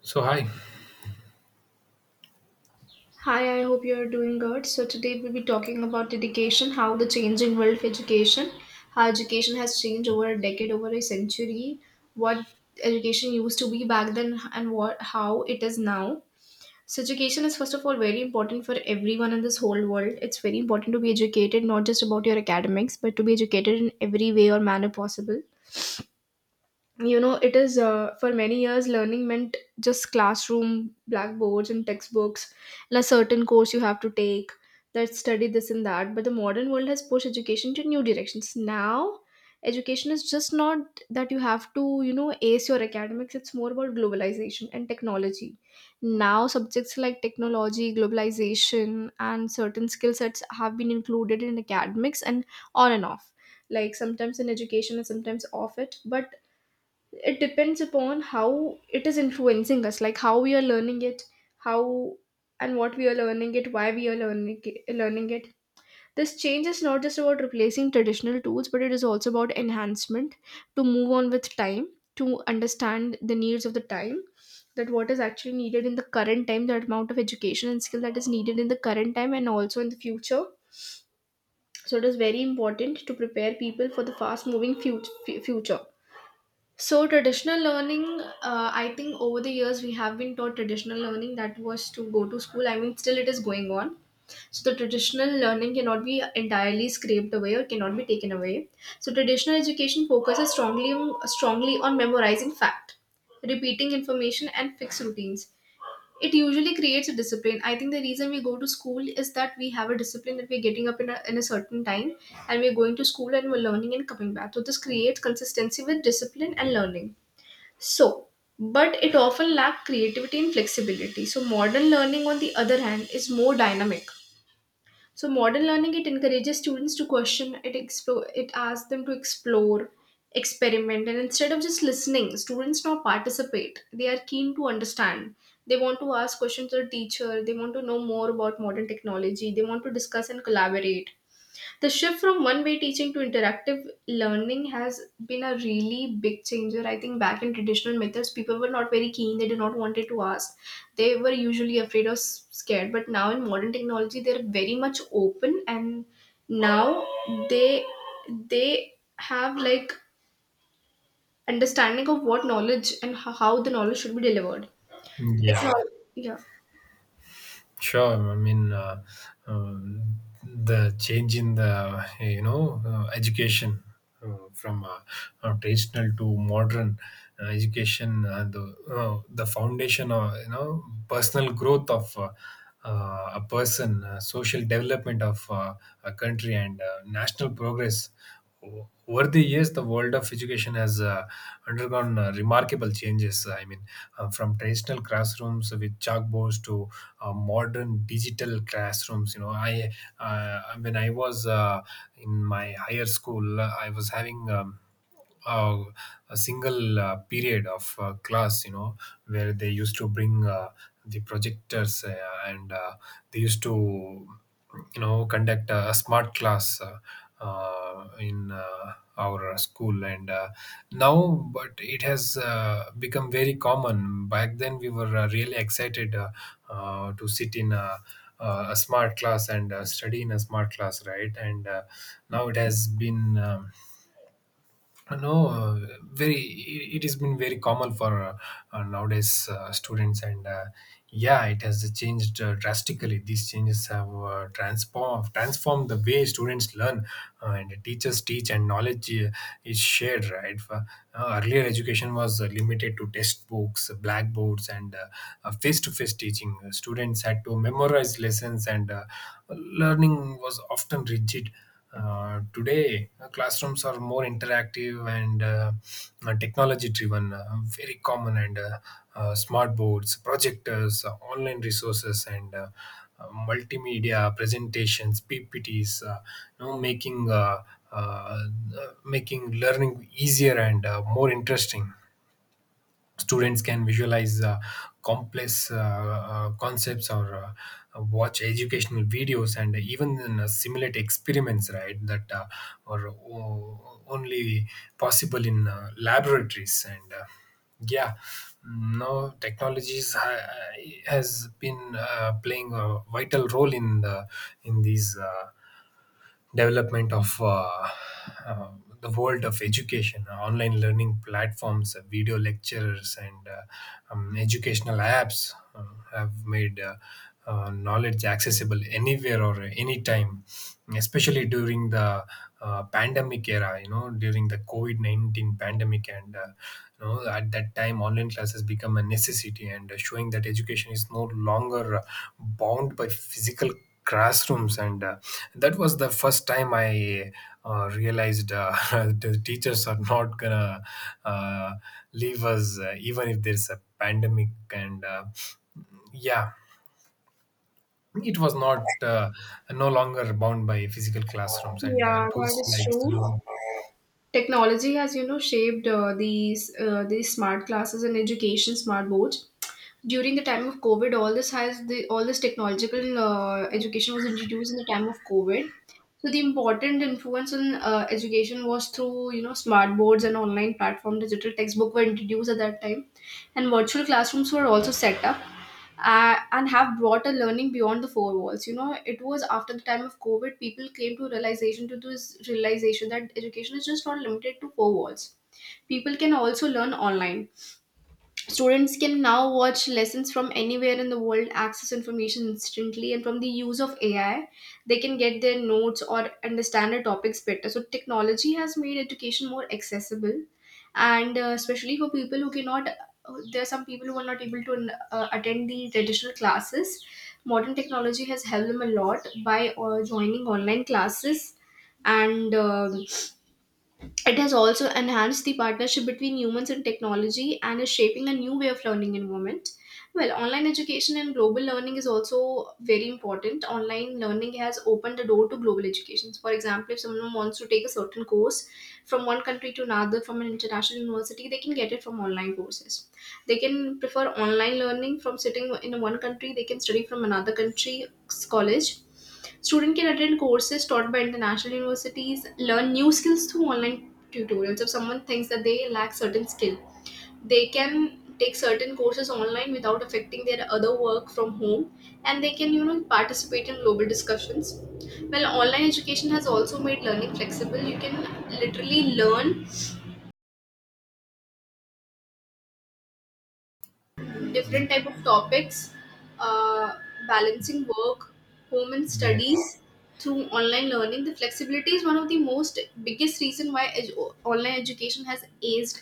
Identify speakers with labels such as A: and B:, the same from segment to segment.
A: So hi,
B: Hi, I hope you are doing good. So today we'll be talking about education, how the changing world of education, how education has changed over a decade, over a century, what education used to be back then and what how it is now. So education is first of all very important for everyone in this whole world. It's very important to be educated, not just about your academics, but to be educated in every way or manner possible. You know it is For many years, learning meant just classroom blackboards and textbooks and a certain course you have to take, that study this and that. But the modern world has pushed education to new directions. Now education is just not that you have to ace your academics. It's more about globalization and technology. Now subjects like technology, globalization and certain skill sets have been included in academics and on and off, like sometimes in education and sometimes off it. But it depends upon how it is influencing us, like how we are learning it, how and what we are learning it, why we are learning it, This change is not just about replacing traditional tools, but it is also about enhancement, to move on with time, to understand the needs of the time, that what is actually needed in the current time, the amount of education and skill that is needed in the current time and also in the future. So it is very important to prepare people for the fast moving future. So traditional learning, I think over the years we have been taught traditional learning, that was to go to school. I mean, still it is going on. So the traditional learning cannot be entirely scraped away or cannot be taken away. So traditional education focuses strongly on memorizing fact, repeating information, and fixed routines. It usually creates a discipline. I think the reason we go to school is that we have a discipline, that we're getting up in a, certain time and we're going to school and we're learning and coming back, so this creates consistency with discipline and learning. So but it often lacks creativity and flexibility. So modern learning, on the other hand, is more dynamic. So modern learning, it encourages students to question, it asks them to explore, experiment, and instead of just listening, students now participate. They are keen to understand. They want to ask questions to the teacher. They want to know more about modern technology. They want to discuss and collaborate. The shift from one way teaching to interactive learning has been a really big changer. I think back in traditional methods, people were not very keen, they did not wanted to ask. They were usually afraid or scared. But now in modern technology, they're very much open, and now they they have like understanding of what knowledge and how the knowledge should be delivered. It's
A: yeah,
B: not. Yeah.
A: sure. Um, the change in the education from traditional to modern education, the foundation of personal growth of a person, social development of a country, and national progress over the years. The world of education has undergone remarkable changes. From traditional classrooms with chalkboards to modern digital classrooms. You know, I When I was in my higher school, I was having uh, a single period of class, you know, where they used to bring the projectors, and they used to, you know, conduct a smart class in our school. But it has become very common. Back then, we were really excited to sit in a smart class and study in a smart class, right? And Now it has been. No very It has been very common for nowadays students and yeah, it has changed drastically. These changes have transformed the way students learn and teachers teach and knowledge is shared, right? For, earlier, education was limited to textbooks, blackboards, and face-to-face teaching. Students had to memorize lessons and learning was often rigid. Today, classrooms are more interactive and technology driven, very common, and smart boards, projectors, online resources, and multimedia presentations, PPTs, you know, making uh, uh, uh, making learning easier and more interesting. Students can visualize complex concepts or watch educational videos and even simulate experiments, right, that are only possible in laboratories and yeah no has been playing a vital role in these development of uh, the world of education. Online learning platforms, video lectures, and educational apps have made knowledge accessible anywhere or anytime, especially during the pandemic era, you know, during the COVID COVID-19 pandemic. And, you know, at that time, online classes become a necessity, and showing that education is no longer bound by physical classrooms, and that was the first time I realized the teachers are not gonna uh, leave us even if there's a pandemic. And yeah It was not no longer bound by physical classrooms and
B: Yeah, that
A: tools
B: is
A: like
B: true.
A: Zoom.
B: Technology has, you know, shaped these smart classes and education smart boards. During the time of COVID, all this technological education was introduced in the time of COVID. So the important influence on education was through smart boards and online platform. Digital textbook were introduced at that time, and virtual classrooms were also set up, and have brought a learning beyond the four walls. It was after the time of COVID people came to this realization that education is just not limited to four walls. People can also learn online. Students can now watch lessons from anywhere in the world, access information instantly, and from the use of AI, they can get their notes or understand the topics better. So, technology has made education more accessible, and especially for people who cannot, there are some people who are not able to attend the traditional classes. Modern technology has helped them a lot by joining online classes, and it has also enhanced the partnership between humans and technology and is shaping a new way of learning environment. Well, online education and global learning is also very important. Online learning has opened the door to global education. For example, if someone wants to take a certain course from one country to another, from an international university, they can get it from online courses. They can prefer online learning, from sitting in one country, they can study from another country's college. Student can attend courses taught by international universities, learn new skills through online tutorials. If someone thinks that they lack certain skill, they can take certain courses online without affecting their other work from home, and they can participate in global discussions. Well, online education has also made learning flexible. You can literally learn different type of topics, uh, balancing work, home and
A: Yes.
B: studies through online learning. The flexibility is one of the most biggest reason why online education has aced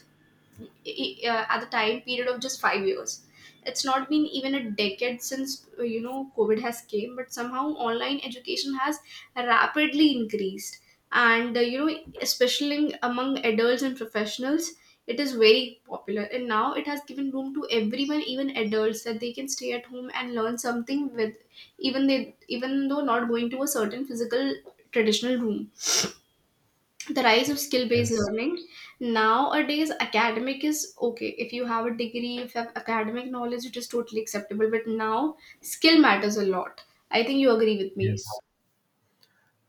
B: at the time period of just 5 years. It's not been even a decade since COVID has came, but somehow online education has rapidly increased, and especially among adults and professionals, it is very popular. And now it has given room to everyone, even adults, that they can stay at home and learn something with even they even though not going to a certain physical traditional room. The rise of skill-based
A: Yes.
B: learning. Nowadays, academic is okay. If you have a degree, if you have academic knowledge, it is totally acceptable, but now skill matters a lot. I think you agree with me.
A: Yes,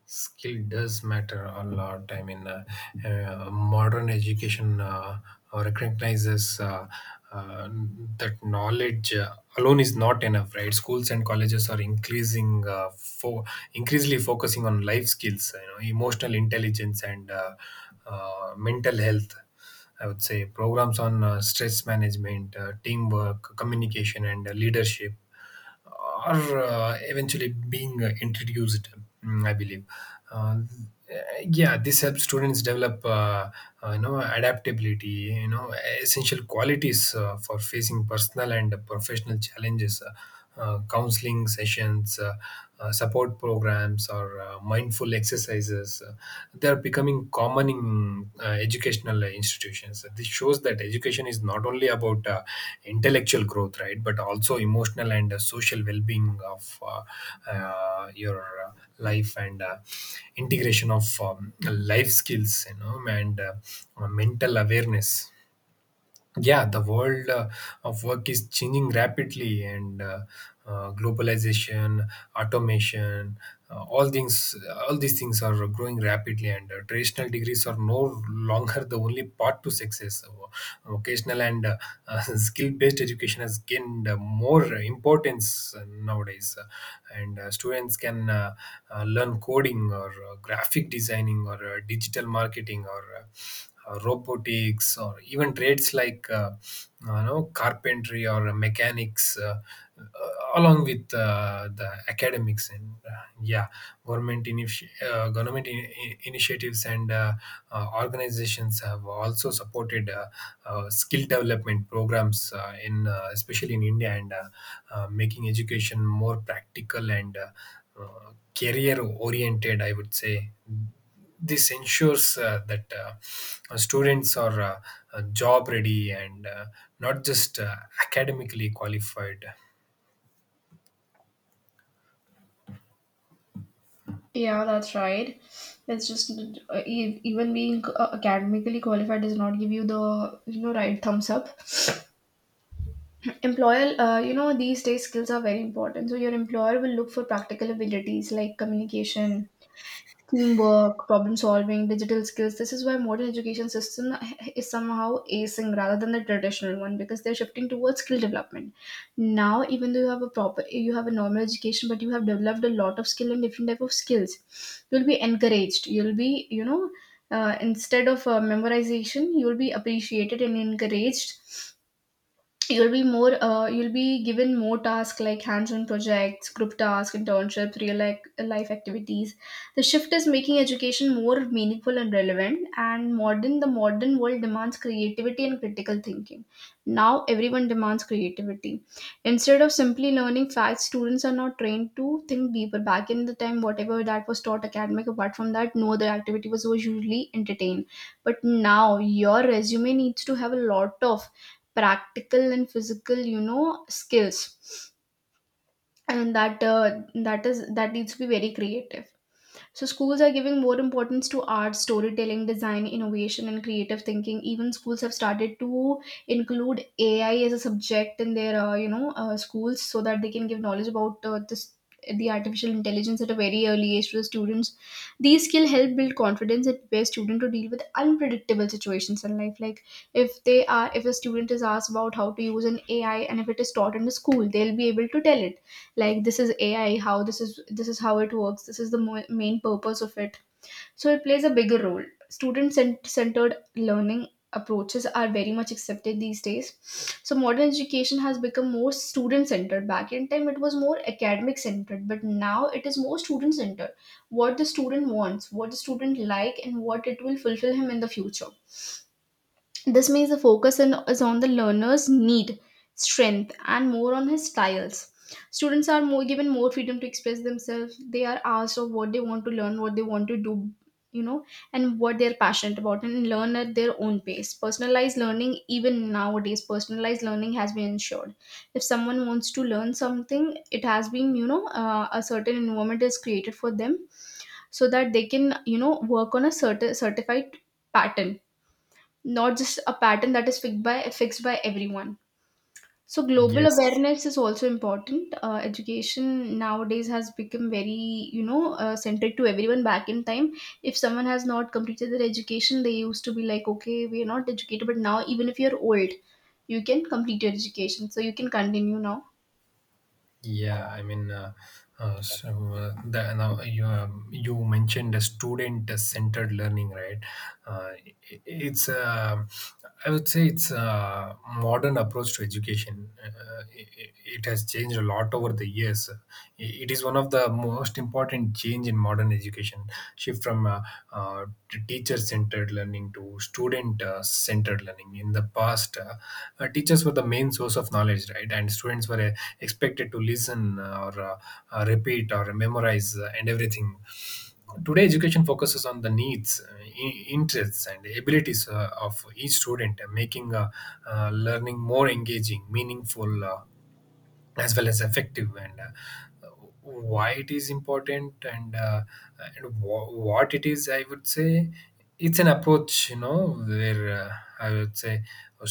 A: skill does matter a lot. Modern education recognizes uh, that knowledge alone is not enough, right? Schools and colleges are increasingly focusing on life skills, you know, emotional intelligence, and mental health. I would say programs on stress management, teamwork, communication, and leadership are eventually being introduced, mm, I believe. Uh, yeah, this helps students develop, you know, adaptability, you know, essential qualities for facing personal and professional challenges. Counseling sessions, support programs, or mindful exercises they are becoming common in educational institutions. This shows that education is not only about intellectual growth, right, but also emotional and social well-being of your uh, life and integration of life skills, you know, and mental awareness. Yeah, the world of work is changing rapidly, and globalization, automation, uh, all things, all these things are growing rapidly. And traditional degrees are no longer the only path to success. So, vocational and skill-based education has gained more importance nowadays. And Students can learn coding or graphic designing or digital marketing or robotics, or even trades like you know, carpentry or mechanics, along with the academics, and yeah government initiatives and organizations have also supported skill development programs in especially in india, and making education more practical and uh, career oriented, I would say. This ensures that students are job ready and not just academically qualified.
B: Yeah, that's right. That's just even being academically qualified does not give you the right thumbs up. Employer, these days skills are very important. So your employer will look for practical abilities like communication, teamwork, problem solving, digital skills. This is why modern education system is somehow acing rather than the traditional one, because they're shifting towards skill development. Now, even though you have a normal education, but you have developed a lot of skill and different type of skills. You'll be encouraged. You'll be, instead of memorization, you'll be appreciated and encouraged. You'll be given more tasks, like hands-on projects, group tasks, internships, real life activities. The shift is making education more meaningful and relevant. And modern the modern world demands creativity and critical thinking. Now everyone demands creativity. Instead of simply learning facts, students are now trained to think deeper. Back in the time, whatever that was taught, academic, apart from that, no other activity was usually entertained. But now your resume needs to have a lot of practical and physical skills, and that needs to be very creative. So schools are giving more importance to art, storytelling, design, innovation and creative thinking. Even schools have started to include AI as a subject in their schools, so that they can give knowledge about this the artificial intelligence at a very early age to the students. These skills help build confidence and prepare students to deal with unpredictable situations in life, like if they are if a student is asked about how to use an AI, and if it is taught in the school, they'll be able to tell it, like, this is AI, how this is how it works, this is the main purpose of it. So it plays a bigger role. Student centered learning approaches are very much accepted these days. So modern education has become more student centered. Back in time, it was more academic centered, but now it is more student centered. What the student wants, what the student like, and what it will fulfill him in the future. This means the focus is on the learner's need, strength, and more on his styles. Students are more given more freedom to express themselves. They are asked of what they want to learn, what they want to do, you know, and what they're passionate about, and learn at their own pace. Personalized learning, even nowadays, personalized learning has been ensured. If someone wants to learn something, it has been, a certain environment is created for them so that they can, work on a certain certified pattern, not just a pattern that is fixed by everyone. So global
A: Yes.
B: awareness is also important. Education nowadays has become very centric to everyone. Back in time, if someone has not completed their education, they used to be like, okay, we are not educated. But now, even if you're old, you can complete your education, so you can continue now.
A: Yeah, I mean, uh, the, now you you mentioned the student-centered learning, right? Uh, I- it's I would say it's a modern approach to education. It has changed a lot over the years. It is one of the most important change in modern education, shift from uh, teacher-centered learning to student-centered learning. In the past, teachers were the main source of knowledge, right? And students were expected to listen or repeat or memorize and everything. Today, education focuses on the needs, interests, and abilities of each student, making learning more engaging, meaningful, as well as effective, and why it is important, and, what it is, I would say. It's an approach, you know, where I would say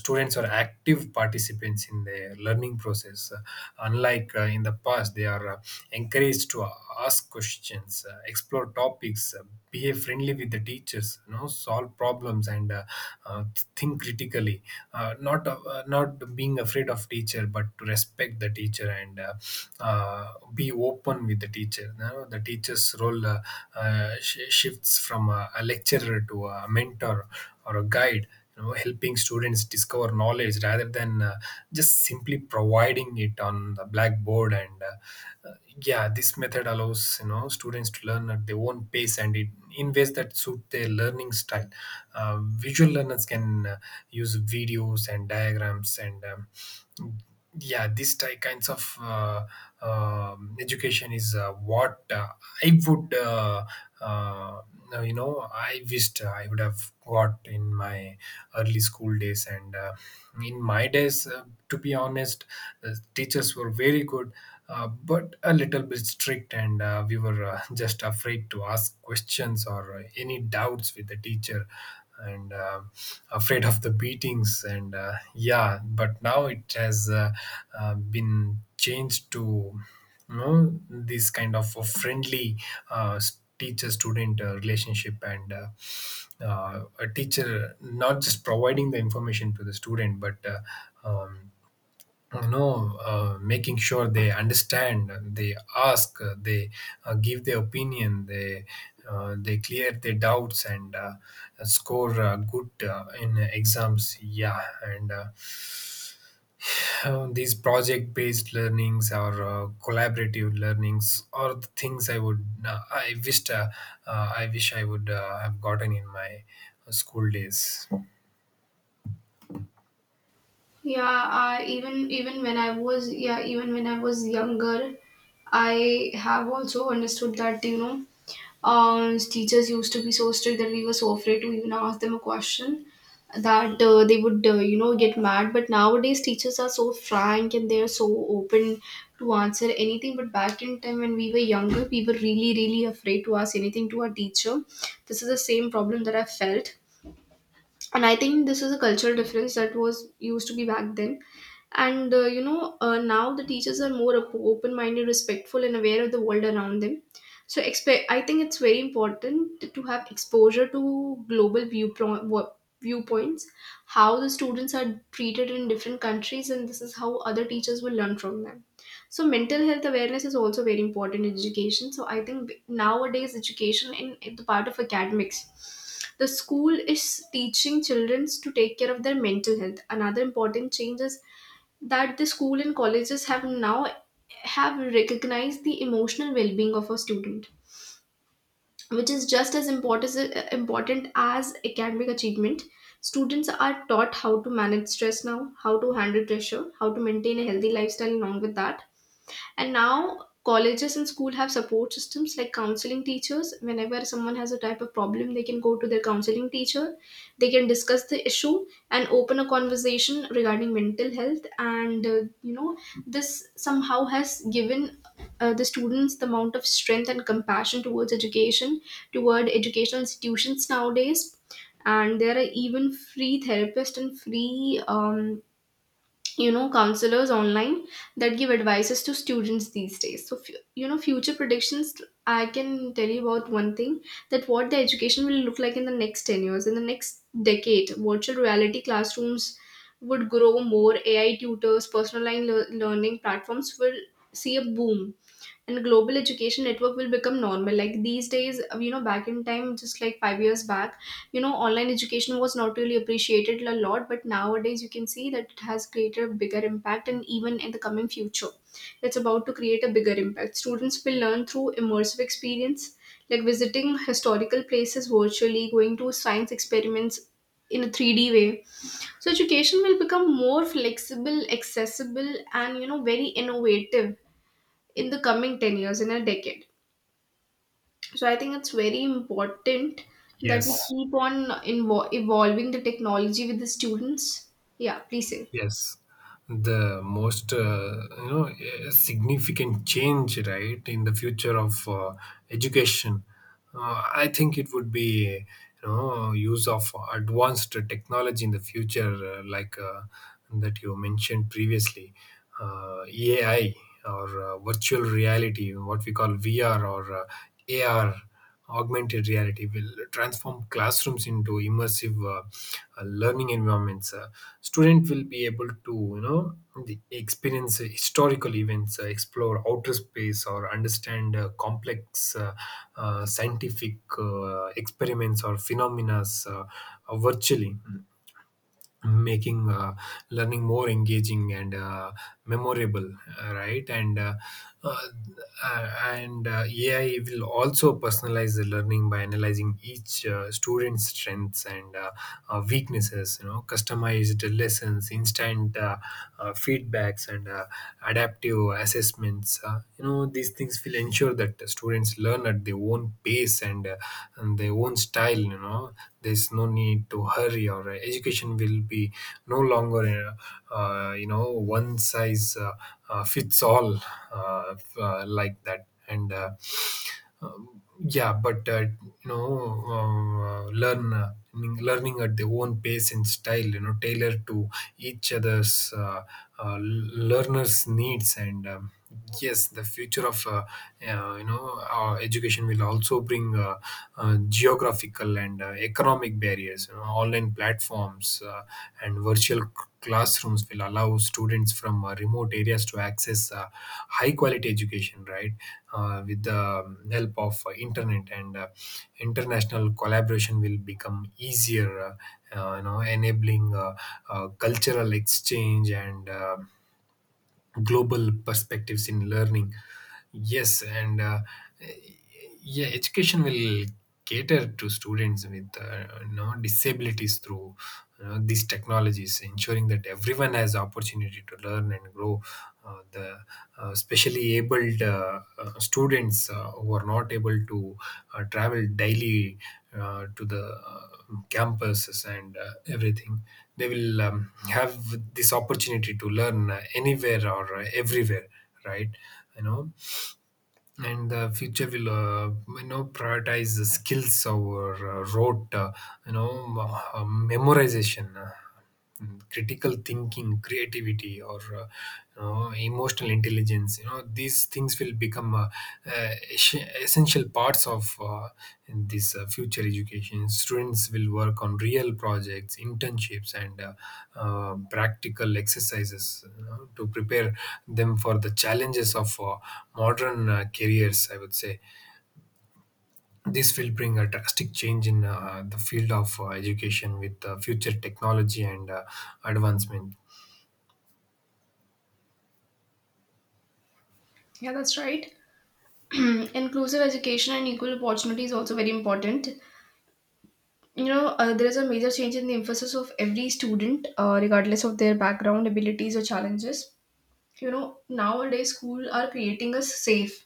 A: students are active participants in the learning process. Unlike in the past, they are encouraged to ask questions, explore topics, behave friendly with the teachers, you know, solve problems and uh, think critically, not being afraid of teacher but to respect the teacher, and be open with the teacher. You know, the teacher's role shifts from a lecturer to a mentor or a guide, you know, helping students discover knowledge rather than just simply providing it on the blackboard. And yeah This method allows, you know, students to learn at their own pace, and it in ways that suit their learning style. Visual learners can use videos and diagrams, and yeah, this type kinds of education is what I would I wished I would have got in my early school days. And in my days, to be honest, the teachers were very good, but a little bit strict. And we were just afraid to ask questions or any doubts with the teacher, and afraid of the beatings. And yeah, but now it has been changed to, you know, this kind of a friendly uh, teacher student relationship, and a teacher not just providing the information to the student, but you know, making sure they understand, they ask, they give their opinion, they clear their doubts and score good in exams, yeah. And these project based learnings or collaborative learnings are the things I wish I would have gotten in my school days.
B: Yeah, even when I was, yeah, even when I was younger, I have also understood that, teachers used to be so strict that we were so afraid to even ask them a question, that they would, you know, get mad. But nowadays teachers are so frank and they are so open to answer anything. But back in time when we were younger, we were really, really afraid to ask anything to our teacher. This is the same problem that I felt, and I think this is a cultural difference that was used to be back then. And now the teachers are more open-minded, respectful, and aware of the world around them. So I think it's very important to have exposure to global viewpoints, how the students are treated in different countries, and this is how other teachers will learn from them. So mental health awareness is also very important in education. So I think nowadays education, in the part of academics, the school is teaching children to take care of their mental health. Another important change is that the school and colleges have now have recognized the emotional well-being of a student, which is just as important as academic achievement. Students are taught how to manage stress now, how to handle pressure, how to maintain a healthy lifestyle along with that. And now colleges and school have support systems like counseling teachers. Whenever someone has a type of problem, they can go to their counseling teacher. They can discuss the issue and open a conversation regarding mental health. And this somehow has given the students the amount of strength and compassion towards education, toward educational institutions nowadays. And there are even free therapists and free you know, counselors online that give advices to students these days. So you know, future predictions, I can tell you about one thing, that what the education will look like in the next 10 years, in the next decade. Virtual reality classrooms would grow more, AI tutors, personal learning platforms will see a boom, and global education network will become normal. Like these days, you know, back in time, just like 5 years back, you know, online education was not really appreciated a lot, but nowadays you can see that it has created a bigger impact, and even in the coming future it's about to create a bigger impact. Students will learn through immersive experience, like visiting historical places virtually, going to science experiments in a 3D way. So education will become more flexible, accessible, and, you know, very innovative in the coming 10 years, in a decade. So I think it's very important that we
A: Yes.
B: keep on evolving the technology with the students. Yeah, please say.
A: Yes, the most significant change, right, in the future of education. I think it would be, you know, use of advanced technology in the future, that you mentioned previously, AI or virtual reality, what we call VR, or AR, augmented reality, will transform classrooms into immersive learning environments. Student will be able to, you know, the experience historical events, explore outer space, or understand complex scientific experiments or phenomena virtually, making learning more engaging and memorable, right. Uh, and AI will also personalize the learning by analyzing each student's strengths and weaknesses, you know, customized lessons, instant feedbacks, and adaptive assessments, you know, these things will ensure that the students learn at their own pace and their own style, you know. There's no need to hurry, or education will be no longer you know, one size fits all, like that, and um, yeah but you know learn learning, learning at their own pace and style, you know, tailored to each other's learners needs and yes. The future of you know, our education will also bring geographical and economic barriers, you know. Online platforms and virtual classrooms will allow students from remote areas to access high quality education, right? With the help of internet, and international collaboration will become easier, you know, enabling cultural exchange and global perspectives in learning, yes. And yeah, education will cater to students with disabilities through these technologies, ensuring that everyone has opportunity to learn and grow. The Specially abled students who are not able to travel daily to the campuses and everything. They will have this opportunity to learn anywhere or everywhere, right? you know and the future will, prioritize the skills over rote, memorization. Critical thinking, creativity, or emotional intelligence, you know, these things will become uh, es- essential parts of, in this future education. Students will work on real projects, internships, and practical exercises, you know, to prepare them for the challenges of modern careers. I would say this will bring a drastic change in the field of education, with future technology and advancement.
B: Yeah, that's right. Inclusive education and equal opportunity is also very important. There is a major change in the emphasis of every student, regardless of their background, abilities, or challenges. You know, nowadays schools are creating a safe,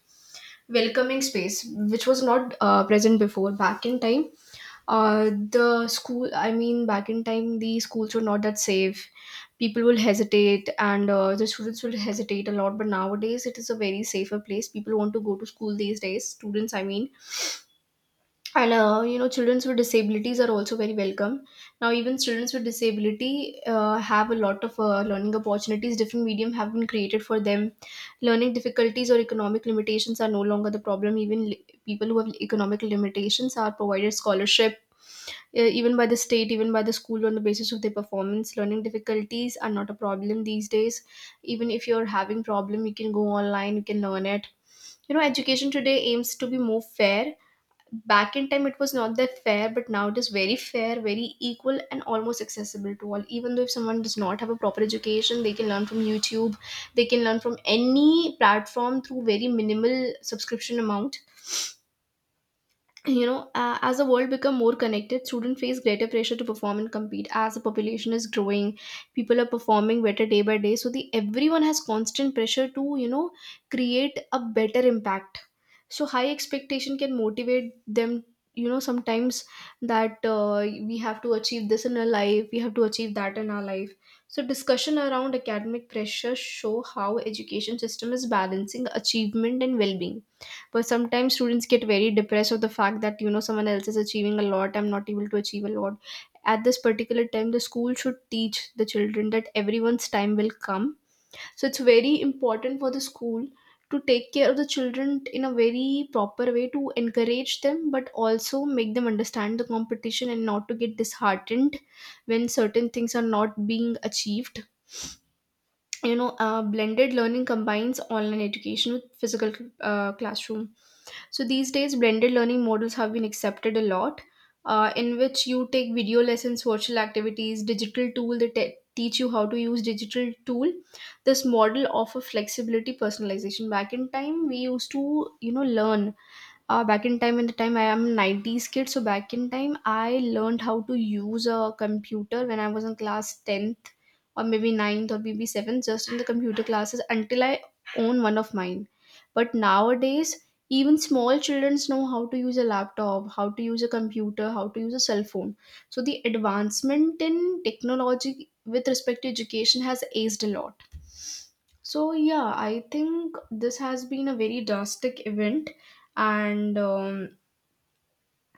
B: welcoming space, which was not present before. Back in time, the school, I mean, back in time the schools were not that safe. People will hesitate, and the students will hesitate a lot, but nowadays it is a very safer place. People want to go to school these days, students, I mean. And you know, children with disabilities are also very welcome. Now, even children with disability have a lot of learning opportunities. Different medium have been created for them. Learning difficulties or economic limitations are no longer the problem. Even people who have economic limitations are provided scholarship, even by the state, even by the school, on the basis of their performance. Learning difficulties are not a problem these days. Even if you're having problem, you can go online, you can learn it. You know, education today aims to be more fair. Back in time it was not that fair, but now it is very fair, very equal, and almost accessible to all. Even though if someone does not have a proper education, they can learn from YouTube, they can learn from any platform through very minimal subscription amount. You know, as the world become more connected, students face greater pressure to perform and compete. As the population is growing, people are performing better day by day, so the everyone has constant pressure to, you know, create a better impact. So high expectation can motivate them, you know, sometimes, that we have to achieve this in our life, we have to achieve that in our life. So discussion around academic pressure show how education system is balancing achievement and well-being. But sometimes students get very depressed of the fact that, you know, someone else is achieving a lot, I'm not able to achieve a lot. At this particular time, the school should teach the children that everyone's time will come. So it's very important for the school to take care of the children in a very proper way, to encourage them, but also make them understand the competition and not to get disheartened when certain things are not being achieved. You know, blended learning combines online education with physical classroom. So these days, blended learning models have been accepted a lot, in which you take video lessons, virtual activities, digital tool that teach you how to use digital tool. This model offer flexibility, personalization. Back in time, we used to, you know, learn, back in time, in the time I am 90s kid, so back in time I learned how to use a computer when I was in class 10th, or maybe ninth, or maybe 7th, just in the computer classes until I own one of mine. But nowadays, even small children know how to use a laptop, how to use a computer, how to use a cell phone. So the advancement in technology with respect to education has aced a lot. So yeah, I think this has been a very drastic event. And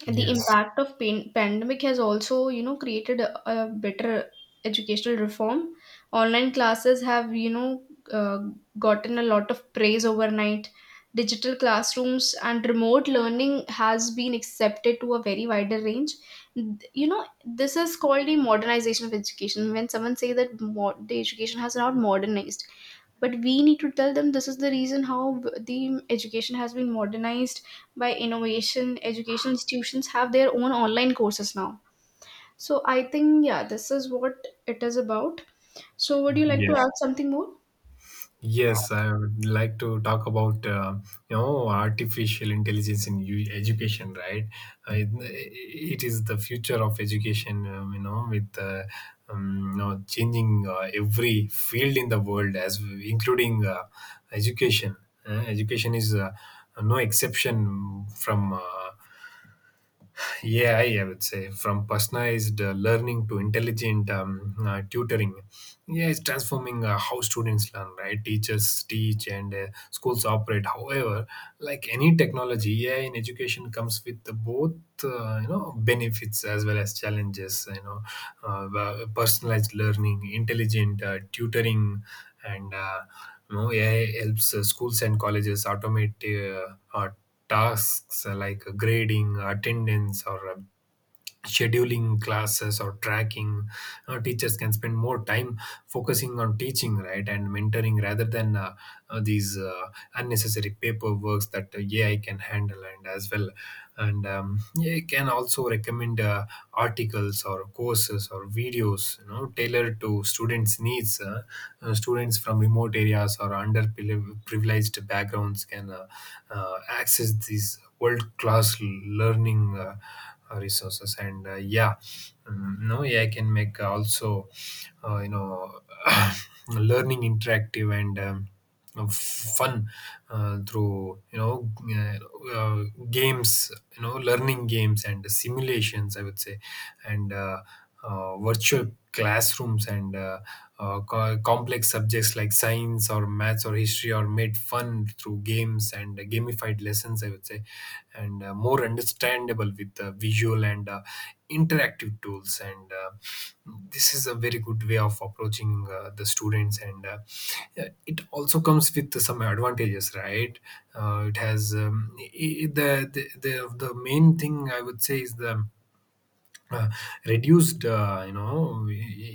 B: the
A: Yes.
B: impact of pain pandemic has also, you know, created a better educational reform. Online classes have, you know uh, gotten a lot of praise overnight. Digital classrooms and remote learning has been accepted to a very wider range. You know, this is called the modernization of education. When someone say that the education has not modernized, but we need to tell them this is the reason how the education has been modernized by innovation. Educational institutions have their own online courses now. So I think, yeah, this is what it is about. So would you like to
A: Yes.
B: add something more?
A: Yes, I would like to talk about artificial intelligence in education, right? It is the future of education, changing every field in the world, as including education. Education is no exception from. Yeah, I would say, from personalized learning to intelligent tutoring. Yeah, it's transforming how students learn, right? Teachers teach, and schools operate. However, like any technology, AI in education comes with the both benefits as well as challenges. You know, personalized learning, intelligent tutoring, and AI helps schools and colleges automate tasks like grading, attendance, or scheduling classes or tracking. Teachers can spend more time focusing on teaching, right, and mentoring, rather than these unnecessary paperworks that AI can handle. And as well, and AI can also recommend articles or courses or videos, you know, tailored to students needs. Students from remote areas or underprivileged backgrounds can access these world class learning resources. And yeah no AI can make also you know learning interactive and of fun, through uh, games, you know, learning games and simulations, I would say. And virtual classrooms, and complex subjects like science or maths or history are made fun through games and gamified lessons, I would say, and more understandable with visual and interactive tools. And this is a very good way of approaching the students. And it also comes with some advantages, right. It has I- the main thing, I would say, is the uh, reduced, you know,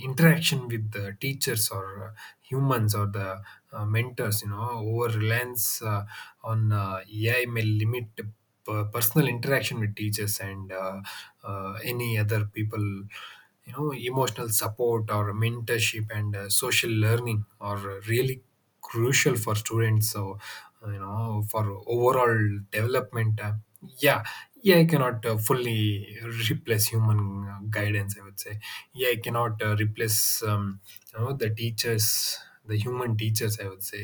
A: interaction with the teachers or humans or the mentors. You know, over reliance on AI may limit personal interaction with teachers and any other people. You know, emotional support or mentorship and social learning are really crucial for students, so, you know, for overall development. Yeah AI cannot fully replace human guidance, I would say. AI cannot replace, the teachers, the human teachers, I would say.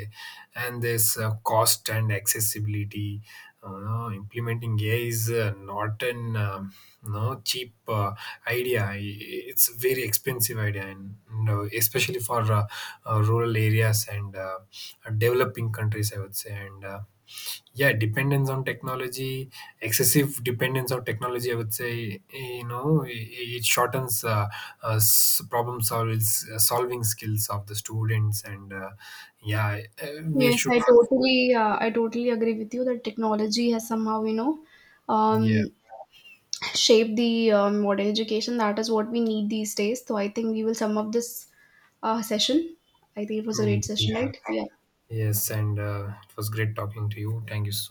A: And there's cost and accessibility. You Implementing AI is not an you cheap idea. It's a very expensive idea, and, you know, especially for rural areas and developing countries, I would say. And yeah dependence on technology, excessive dependence on technology, I would say, you know, it shortens problem solving, solving skills of the students. And yeah we
B: Yes,
A: should
B: I
A: not.
B: totally, I totally agree with you that technology has somehow, you know, um
A: Yeah.
B: shaped the modern education, that is what we need these days. So I think we will sum up this session. I think it was a
A: Mm,
B: great session,
A: yeah.
B: right? Yeah.
A: Yes, and it was great talking to you. Thank you so